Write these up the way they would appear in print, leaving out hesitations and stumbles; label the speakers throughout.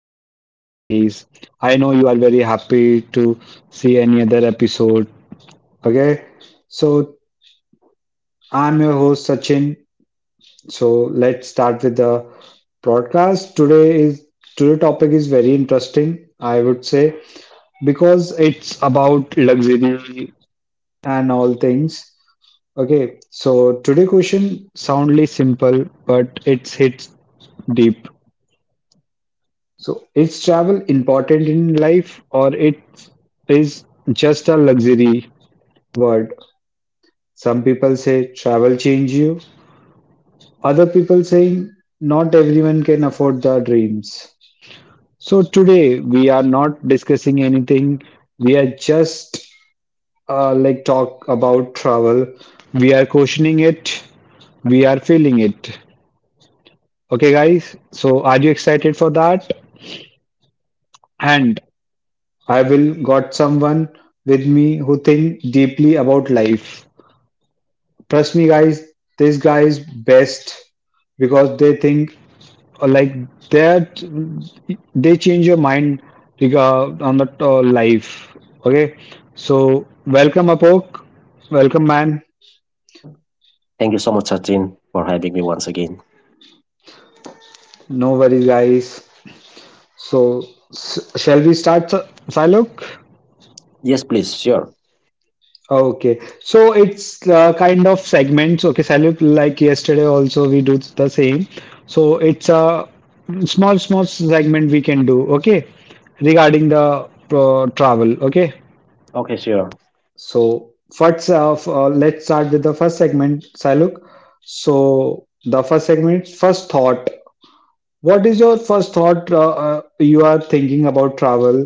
Speaker 1: Diaries. I know you are very happy to see any other episode. Okay, so I'm your host Sachin. So let's start with the broadcast. Today topic is very interesting. I would say because it's about luxury and all things. Okay, so today question soundly simple, but it's hits deep. So is travel important in life or it is just a luxury word? Some people say travel change you. Other people saying not everyone can afford their dreams. So today we are not discussing anything. We are just like talk about travel. We are questioning it. We are feeling it. Okay guys, so are you excited for that? And I will got someone with me who think deeply about life. Trust me guys, this guy is best because they think like that they change your mind on that life. Okay. So welcome Apok. Welcome man.
Speaker 2: Thank you so much, Sachin, for having me once again.
Speaker 1: No worries guys. So shall we start Silok?
Speaker 2: Yes, please, sure.
Speaker 1: Okay, so it's kind of segments. Okay, Salute, like yesterday, also we do the same. So it's a small, small segment we can do, okay, regarding the travel, okay.
Speaker 2: Okay, sure.
Speaker 1: So first, let's start with the first segment, Saluk. So the first segment, is first thought. What is your first thought you are thinking about travel?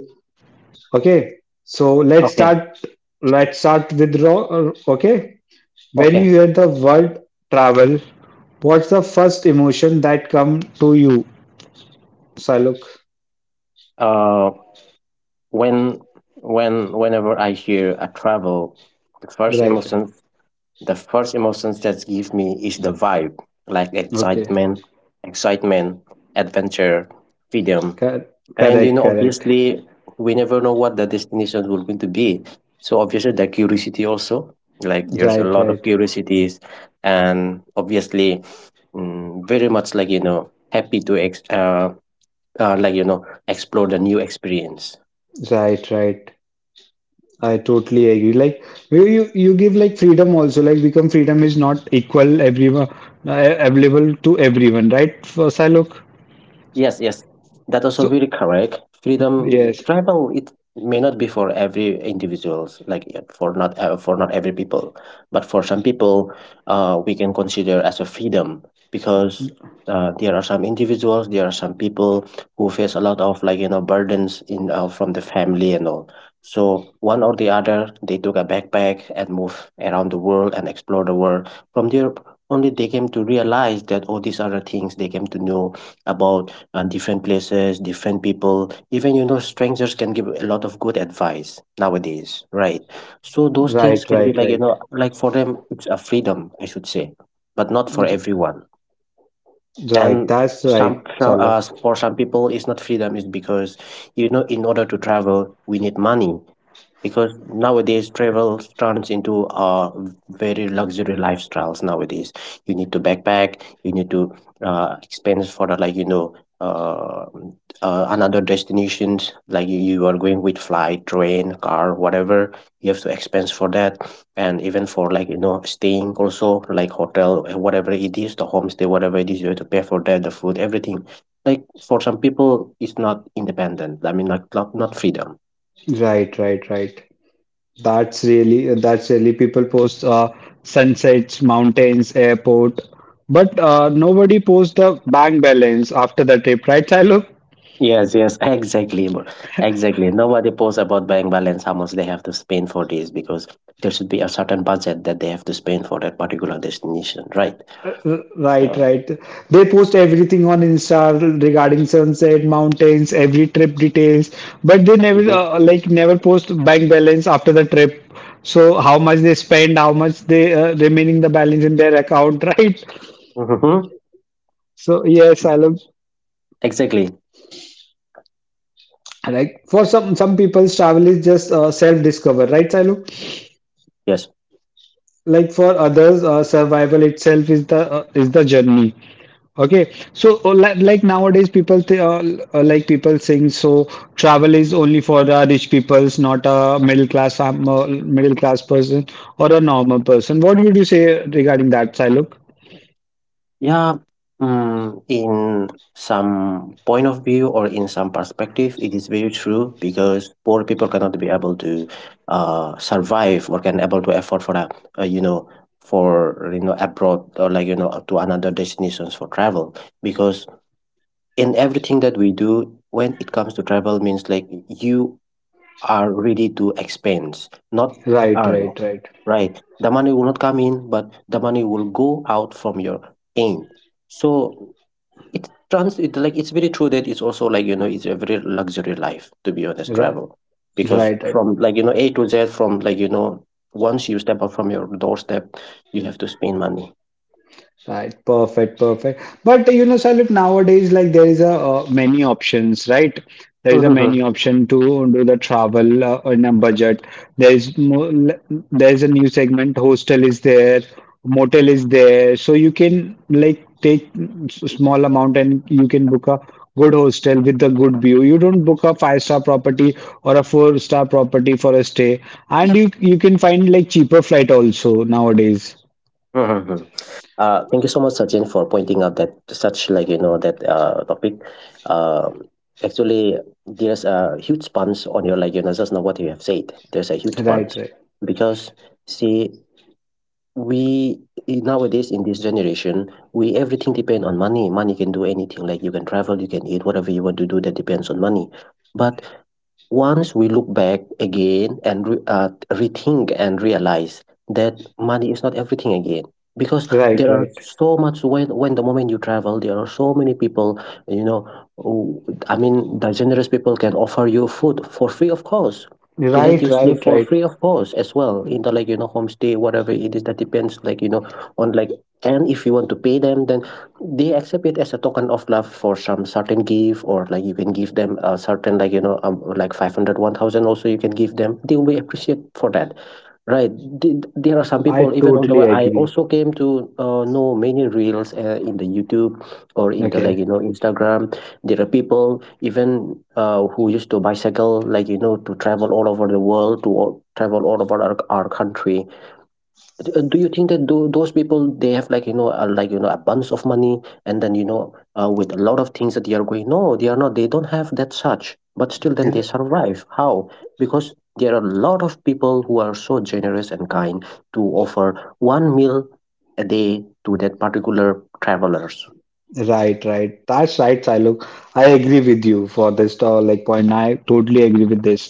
Speaker 1: Okay, so let's
Speaker 2: Okay,
Speaker 1: start. Let's start with Ro. Okay. When you
Speaker 2: okay.
Speaker 1: hear the word travel, what's the first emotion that come to you? Saluk,
Speaker 2: Uh, when, whenever I hear a travel, the first
Speaker 1: right?
Speaker 2: emotions that give me is the vibe, like
Speaker 1: Okay,
Speaker 2: excitement, excitement, adventure, freedom.
Speaker 1: Cor-
Speaker 2: And you
Speaker 1: correct,
Speaker 2: know,
Speaker 1: correct.
Speaker 2: obviously, we never know what the destinations will going to be. So obviously, the curiosity also, like there's a
Speaker 1: Right,
Speaker 2: lot of
Speaker 1: right,
Speaker 2: curiosities, and obviously, very much like you know, happy to like you know, explore the new experience.
Speaker 1: right, right. I totally agree. Like you give like freedom also. Like become freedom is not equal everyone available to everyone, right? For Saluk.
Speaker 2: Yes, yes, that also
Speaker 1: So
Speaker 2: very correct. Freedom
Speaker 1: yes,
Speaker 2: travel it may not be for every individuals, like yeah, for not every people, but for some people, we can consider as a freedom because there are some individuals, there are some people who face a lot of like you know burdens in from the family and all. So one or the other, they took a backpack and move around the world and explore the world. From there, only they came to realize that all these other things they came to know about different places, different people. Even you know, strangers can give a lot of good advice nowadays, right? So those
Speaker 1: right,
Speaker 2: things can be
Speaker 1: right,
Speaker 2: like you
Speaker 1: right,
Speaker 2: know, like for them, it's a freedom, I should say, but not for everyone.
Speaker 1: right.
Speaker 2: And
Speaker 1: That's right, Saluk.
Speaker 2: for some people, it's not freedom. It's because you know, in order to travel, we need money because nowadays travel turns into very luxury lifestyles nowadays. You need to backpack, you need to expense for the, like you know, uh, another destinations. Like you are going with flight, train, car, whatever, you have to expense for that. And even for like you know staying also, like hotel, whatever it is, the homestay, whatever it is, you have to pay for that, the food, everything. Like for some people it's not independent, I mean like not freedom.
Speaker 1: Right. That's really people post sunsets, mountains, airport, but nobody posts the bank balance after the trip, right, Shiloh?
Speaker 2: Yes, yes, exactly, bro. Exactly. Nobody posts about bank balance, how much they have to spend for this, because there should be a certain budget that they have to spend for that particular destination, right?
Speaker 1: R- Right,
Speaker 2: So,
Speaker 1: right. They post everything on Insta regarding sunset, mountains, every trip details, but they never
Speaker 2: mhm.
Speaker 1: like never post bank balance after the trip. So how much they spend, how much they remaining the balance in their account, right?
Speaker 2: Mhm.
Speaker 1: So yes, Shiloh.
Speaker 2: Exactly,
Speaker 1: Like for some people's travel is just self discover, right, Sailu?
Speaker 2: yes.
Speaker 1: Like for others, survival itself is the journey. Okay, so like nowadays people th like people saying so travel is only for the rich people's, not a middle class person or a normal person. What would you say regarding that, Sailu?
Speaker 2: Yeah, in some point of view or in some perspective, it is very true because poor people cannot be able to survive or can able to afford for a, you know, for you know abroad or like you know to another destinations for travel because in everything that we do when it comes to travel means like you are ready to expense, not
Speaker 1: Right,
Speaker 2: earn.
Speaker 1: right, right,
Speaker 2: Right? The money will not come in, but the money will go out from your end. So it trans it like it's very true that it's also like you know it's a very luxury life, to be honest,
Speaker 1: right,
Speaker 2: travel, because
Speaker 1: right.
Speaker 2: from like you know A to Z, from like you know, once you step out from your doorstep you have to spend money.
Speaker 1: Right, perfect, perfect. But you know, Salif, nowadays, like there is a many options, right? There is a many option to do the travel in a budget. There is mo there is a new segment. Hostel is there, motel is there, so you can like take small amount and you can book a good hostel with a good view. You don't book a five-star property or a four-star property for a stay, and you can find like cheaper flight also nowadays.
Speaker 2: Mm-hmm. Thank you so much, Sachin, for pointing out that such like you know that topic. Uh, Actually, there's a huge sponge on your like you know just now what you have said. There's a huge
Speaker 1: Right,
Speaker 2: sponge
Speaker 1: right,
Speaker 2: because see, we nowadays in this generation we everything depend on money. Money can do anything, like you can travel, you can eat whatever you want to do, that depends on money. But once we look back again and rethink and realize that money is not everything again, because
Speaker 1: right,
Speaker 2: there are
Speaker 1: right.
Speaker 2: so much. When the moment you travel there are so many people, you know, who- I mean the generous people can offer you food for free, of course, to let
Speaker 1: Right,
Speaker 2: you sleep
Speaker 1: right,
Speaker 2: for
Speaker 1: right.
Speaker 2: free, of course, as well, in the like you know homestay, whatever it is, that depends like you know on like, and if you want to pay them then they accept it as a token of love for some certain gift, or like you can give them a certain like you know like 500, 1,000. Also you can give them, they will appreciate for that, right? There are some
Speaker 1: I
Speaker 2: people even on the
Speaker 1: totally
Speaker 2: way, I
Speaker 1: agree.
Speaker 2: also came to know many reels in the YouTube or in the like
Speaker 1: Okay.
Speaker 2: you know Instagram, there are people even who used to bicycle like you know to travel all over the world, travel all over our country. Do you think that those people they have like you know a bunch of money and then you know with a lot of things that they are going? No, they are not, they don't have that such, but still then they
Speaker 1: R-
Speaker 2: survive, how? Because there are a lot of people who are so generous and kind to offer one meal a day to that particular travelers.
Speaker 1: right. That's right, Silok. I agree with you for this like point. I totally agree with this.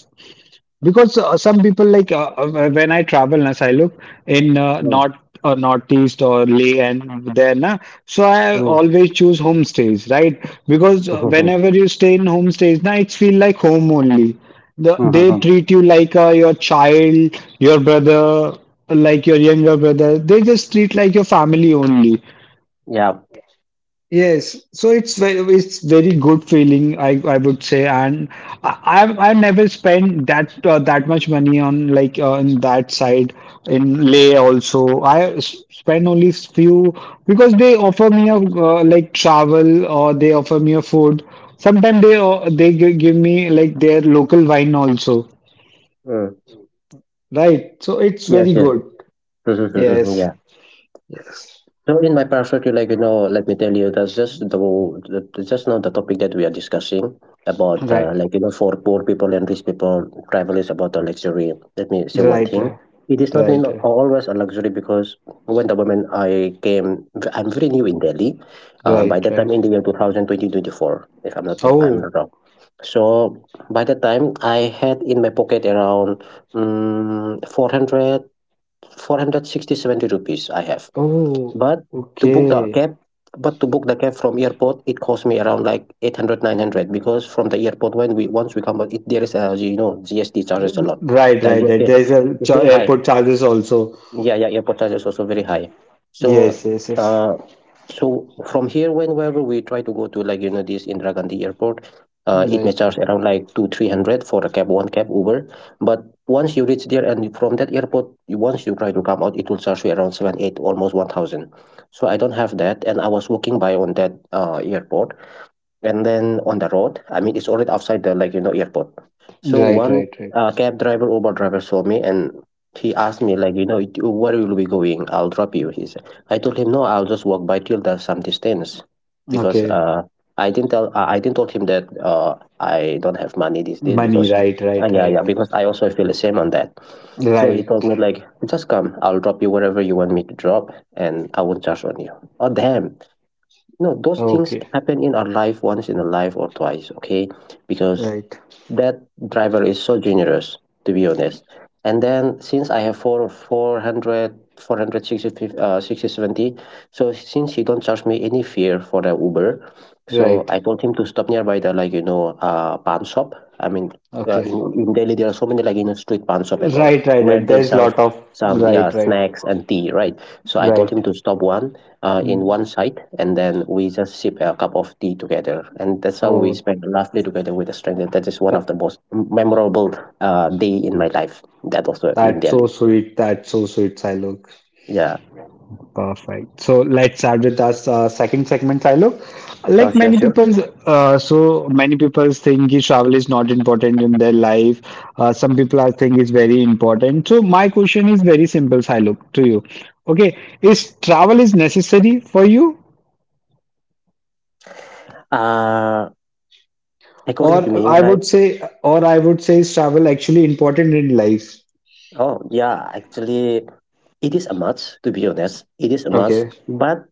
Speaker 1: Because some people like when I travel, na, I look in
Speaker 2: Mm,
Speaker 1: north or northeast or Leh and there, na. So I
Speaker 2: mm,
Speaker 1: always choose homestays, right? Because whenever you stay in homestays, na, it feel like home only. They treat you like your child, your brother, like your younger brother. They just treat like your family only.
Speaker 2: yeah.
Speaker 1: Yes, so it's very good feeling, I would say, and I've never spent that that much money on on that side in Leh also. Spend only few because they offer me a like travel or they offer me a food. Sometimes they give me like their local wine also,
Speaker 2: Mm,
Speaker 1: right? So it's
Speaker 2: yes,
Speaker 1: very
Speaker 2: yes.
Speaker 1: good. Yes,
Speaker 2: Yeah.
Speaker 1: yes,
Speaker 2: So in my perspective, like you know, let me tell you, that's just the just now the topic that we are discussing about,
Speaker 1: right,
Speaker 2: like you know, for poor people and rich people, travel is about a luxury. Let me say one
Speaker 1: right,
Speaker 2: thing.
Speaker 1: uh,
Speaker 2: It is not mean
Speaker 1: right, uh,
Speaker 2: always a luxury because when the moment I came, I'm very new in Delhi. By
Speaker 1: right,
Speaker 2: that time
Speaker 1: right.
Speaker 2: in the year 2020, if I'm not, I'm not
Speaker 1: Oh.
Speaker 2: wrong. So by that time I had in my pocket around 400, 460, 70 rupees I have,
Speaker 1: Oh,
Speaker 2: but to book the
Speaker 1: okay.
Speaker 2: cab, but to book the cab from airport, it cost me around like 800, 900. Because from the airport when we once we come out, it, there is a you know GST charges a lot.
Speaker 1: Right,
Speaker 2: The
Speaker 1: right, right.
Speaker 2: GST
Speaker 1: There's a
Speaker 2: is very high.
Speaker 1: airport charges also.
Speaker 2: Yeah, yeah, airport charges also very high. So.
Speaker 1: Yes, yes, yes.
Speaker 2: Uh, so from here, whenever we try to go to like you know this Indira Gandhi Airport, it may
Speaker 1: Right,
Speaker 2: charge around like two three hundred for a cab, one cab Uber. But once you reach there and from that airport, once you try to come out, it will charge you around seven eight, almost 1,000. So I don't have that, and I was walking by on that airport, and then on the road, I mean it's already outside the like you know airport, so
Speaker 1: right,
Speaker 2: one
Speaker 1: right, right.
Speaker 2: cab driver, Uber driver saw me and he asked me like you know, where will we going, I'll drop you, he said. I told him no, I'll just walk by, till there's some distance, because
Speaker 1: Okay.
Speaker 2: I didn't told him that I don't have money these days
Speaker 1: Money,
Speaker 2: because,
Speaker 1: right, right,
Speaker 2: yeah, yeah,
Speaker 1: right.
Speaker 2: because I also feel the same on that. So he
Speaker 1: Right.
Speaker 2: told me like, just come, I'll drop you wherever you want me to drop, and I won't charge on you. Oh damn. No, those things
Speaker 1: Okay.
Speaker 2: happen in our life once in a life or twice, okay? Because
Speaker 1: Right.
Speaker 2: that driver is so generous, to be honest. And then since I have four, 400, 60, 70, so since he don't charge me any fare for the Uber, so
Speaker 1: Right.
Speaker 2: I told him to stop nearby the like, you know, pan shop. I mean,
Speaker 1: Okay.
Speaker 2: in Delhi, there are so many like, you know, street pan shop and all,
Speaker 1: Right, right,
Speaker 2: where
Speaker 1: right.
Speaker 2: they
Speaker 1: There's
Speaker 2: serve
Speaker 1: lot of
Speaker 2: some, yeah,
Speaker 1: right, right,
Speaker 2: snacks and tea, right? So I told
Speaker 1: right.
Speaker 2: him to stop one in
Speaker 1: Hmm.
Speaker 2: one site, and then we just sip a cup of tea together, and that's how we
Speaker 1: Oh,
Speaker 2: spend a lovely together with a stranger. That is one of
Speaker 1: that,
Speaker 2: the most memorable day in my life. That also in
Speaker 1: that's so
Speaker 2: Delhi.
Speaker 1: sweet. That's so sweet, Silok.
Speaker 2: Yeah.
Speaker 1: Perfect. So let's start with our second segment, Silo.
Speaker 2: Oh,
Speaker 1: Like
Speaker 2: sure,
Speaker 1: many
Speaker 2: sure.
Speaker 1: people, so many people think is travel is not important in their life. Some people are think it's very important. So my question is very simple, Silo, to you. Okay, is travel is necessary for you,
Speaker 2: Uh, according to
Speaker 1: or
Speaker 2: me,
Speaker 1: I
Speaker 2: like,
Speaker 1: would say, is travel actually important in life?
Speaker 2: oh yeah, actually, it is a must. To be honest, it is a must,
Speaker 1: Okay,
Speaker 2: but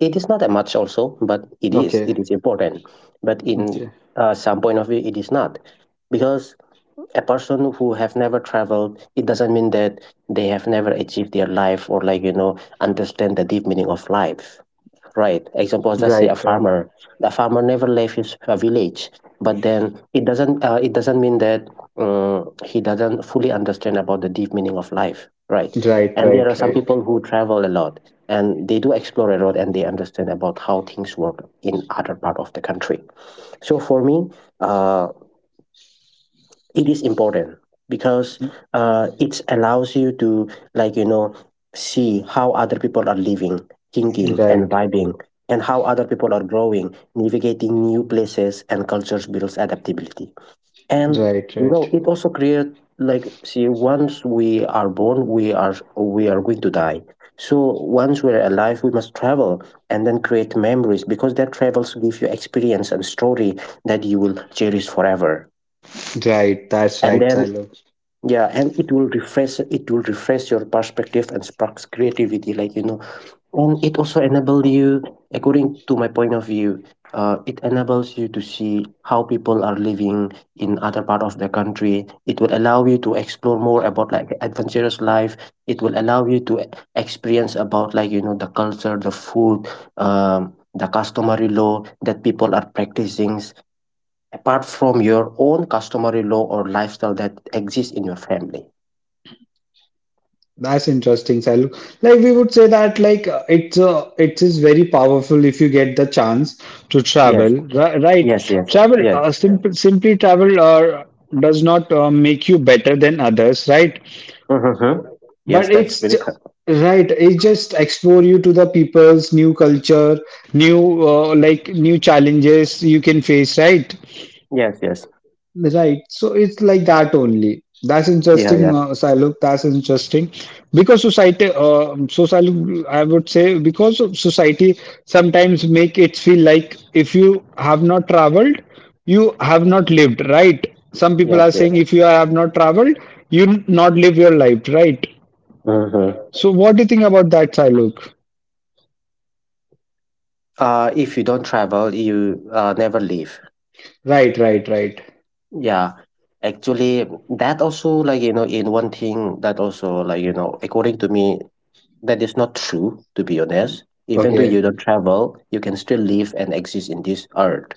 Speaker 2: it is not a must also. But
Speaker 1: okay,
Speaker 2: it is important. But in
Speaker 1: okay.
Speaker 2: some point of view, it is not because a person who have never traveled it doesn't mean that they have never achieved their life or like you know understand the deep meaning of life, right? Example, let's say
Speaker 1: Right,
Speaker 2: a
Speaker 1: right,
Speaker 2: farmer, the farmer never left his village, but then it doesn't mean that he doesn't fully understand about the deep meaning of life, right?
Speaker 1: right,
Speaker 2: And there
Speaker 1: right,
Speaker 2: are some
Speaker 1: right,
Speaker 2: people who travel a lot and they do explore a lot and they understand about how things work in other part of the country. So for me, uh, it is important because it allows you to like you know see how other people are living, thinking and
Speaker 1: right,
Speaker 2: vibing, and how other people are growing, navigating new places and cultures builds adaptability. And
Speaker 1: right,
Speaker 2: you know
Speaker 1: right.
Speaker 2: it also creates, like see once we are born we are going to die, so once we're alive we must travel and then create memories, because that travels give you experience and story that you will cherish forever.
Speaker 1: Right, that's
Speaker 2: And
Speaker 1: right,
Speaker 2: then
Speaker 1: Silo.
Speaker 2: yeah, and it will refresh your perspective and sparks creativity, like you know, and it also enable you, according to my point of view, it enables you to see how people are living in other part of the country. It will allow you to explore more about like adventurous life, it will allow you to experience about like you know the culture, the food, the customary law that people are practicing apart from your own customary law or lifestyle that exists in your family.
Speaker 1: That's interesting, Silo. Like we would say that like it is very powerful if you get the chance to travel.
Speaker 2: Yes, yes, yes,
Speaker 1: Travel
Speaker 2: yes.
Speaker 1: simply travel does not make you better than others, right?
Speaker 2: Mm-hmm. Yes,
Speaker 1: But
Speaker 2: that's
Speaker 1: it's
Speaker 2: very
Speaker 1: j-
Speaker 2: correct.
Speaker 1: right. It just explore you to the people's new culture, new like new challenges you can face, right?
Speaker 2: Yes, yes,
Speaker 1: Right. So it's like that only. That's
Speaker 2: yeah,
Speaker 1: interesting,
Speaker 2: yeah,
Speaker 1: Sailuk. That's interesting. Because society, so Sailuk, I would say, because of society sometimes make it feel like if you have not traveled, you have not lived, right? Some people
Speaker 2: yes,
Speaker 1: are
Speaker 2: yes.
Speaker 1: saying if you have not traveled, not live your life, right?
Speaker 2: Mm-hmm.
Speaker 1: So what do you think about that, Sailuk?
Speaker 2: If you don't travel, you never leave.
Speaker 1: Right.
Speaker 2: Yeah, actually, that also like you know, in one thing that also like you know, according to me, that is not true. To be honest, even though you
Speaker 1: Okay.
Speaker 2: don't travel, you can still live and exist in this earth.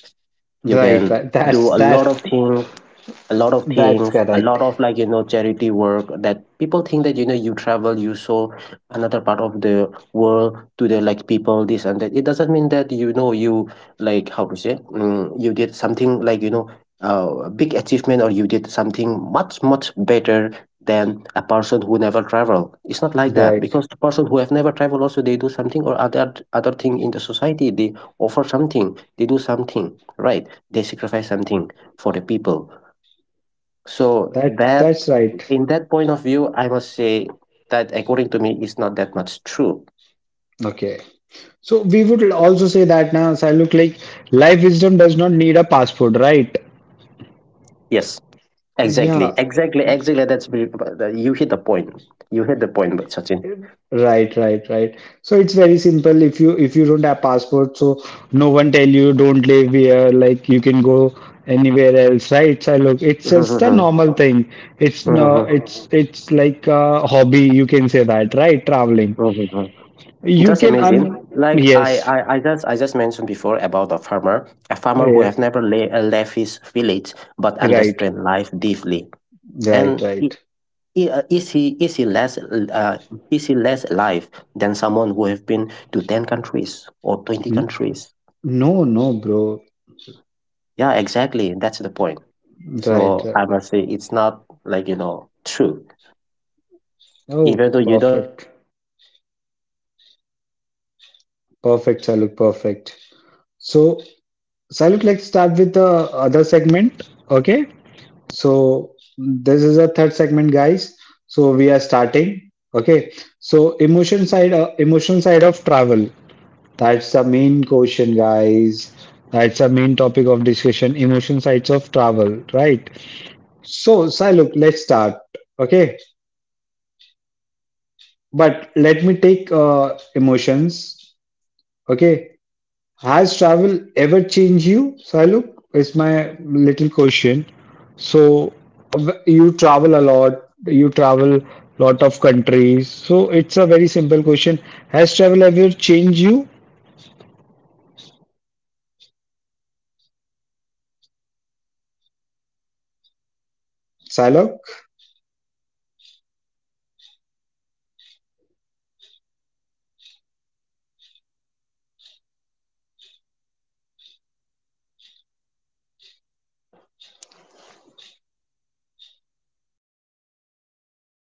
Speaker 2: You
Speaker 1: Right,
Speaker 2: can
Speaker 1: right.
Speaker 2: do a lot of things,
Speaker 1: That's
Speaker 2: a
Speaker 1: correct.
Speaker 2: lot of like you know charity work that people think that you know you travel, you saw another part of the world to the like people this and that, it doesn't mean that you know you like how to say, you did something like you know a big achievement or you did something much much better than a person who never travel. It's not like that
Speaker 1: Right.
Speaker 2: because the person who have never traveled also they do something or other thing in the society, they offer something, they do something, right? They sacrifice something for the people, so
Speaker 1: That
Speaker 2: that
Speaker 1: that's right.
Speaker 2: in that point of view, I must say that according to me is not that much true.
Speaker 1: Okay. So we would also say that now, so I look like life wisdom does not need a passport, right?
Speaker 2: Yes, exactly,
Speaker 1: Yeah,
Speaker 2: exactly, exactly. That's very— you hit the point. You hit the point, but Sachin.
Speaker 1: right. So it's very simple. If you don't have passport, so no one tell you don't live here, like you can go anywhere else, right? So look, it's just a
Speaker 2: Mhm,
Speaker 1: normal thing. It's no,
Speaker 2: mhm,
Speaker 1: it's like a hobby. You can say that, right? Traveling.
Speaker 2: mhm.
Speaker 1: You
Speaker 2: Just
Speaker 1: can
Speaker 2: imagine,
Speaker 1: un
Speaker 2: like
Speaker 1: yes,
Speaker 2: I just mentioned before about a farmer who
Speaker 1: yes,
Speaker 2: have never left his village but
Speaker 1: right,
Speaker 2: understand life deeply,
Speaker 1: right,
Speaker 2: and i-
Speaker 1: right.
Speaker 2: uh, is he is he less uh, is he less alive than someone who have been to 10 countries or 20
Speaker 1: N-
Speaker 2: countries?
Speaker 1: No, no, bro.
Speaker 2: Yeah, exactly, that's the point.
Speaker 1: Right,
Speaker 2: So
Speaker 1: right.
Speaker 2: I must say it's not like you know true.
Speaker 1: Oh,
Speaker 2: Even though you don't
Speaker 1: perfect.
Speaker 2: travel you can still alive and
Speaker 1: Perfect,
Speaker 2: do
Speaker 1: Saluk,
Speaker 2: much more
Speaker 1: perfect.
Speaker 2: things. Yeah.
Speaker 1: So, Saluk, let's start with the other segment. Okay.
Speaker 2: Mm-hmm.
Speaker 1: So, this is a third segment, guys. So, we are starting. Okay. So, emotion side of travel. That's the main question, guys. That's the main topic of discussion, emotion sides of travel, right? So, Saluk, let's start. Okay. But let me take emotions.
Speaker 2: Sure.
Speaker 1: Okay. Has travel ever changed you, Sailuk? Is my little question. So you travel a lot, you travel lot of countries. So it's a very simple question. Has travel ever changed you, Sailuk?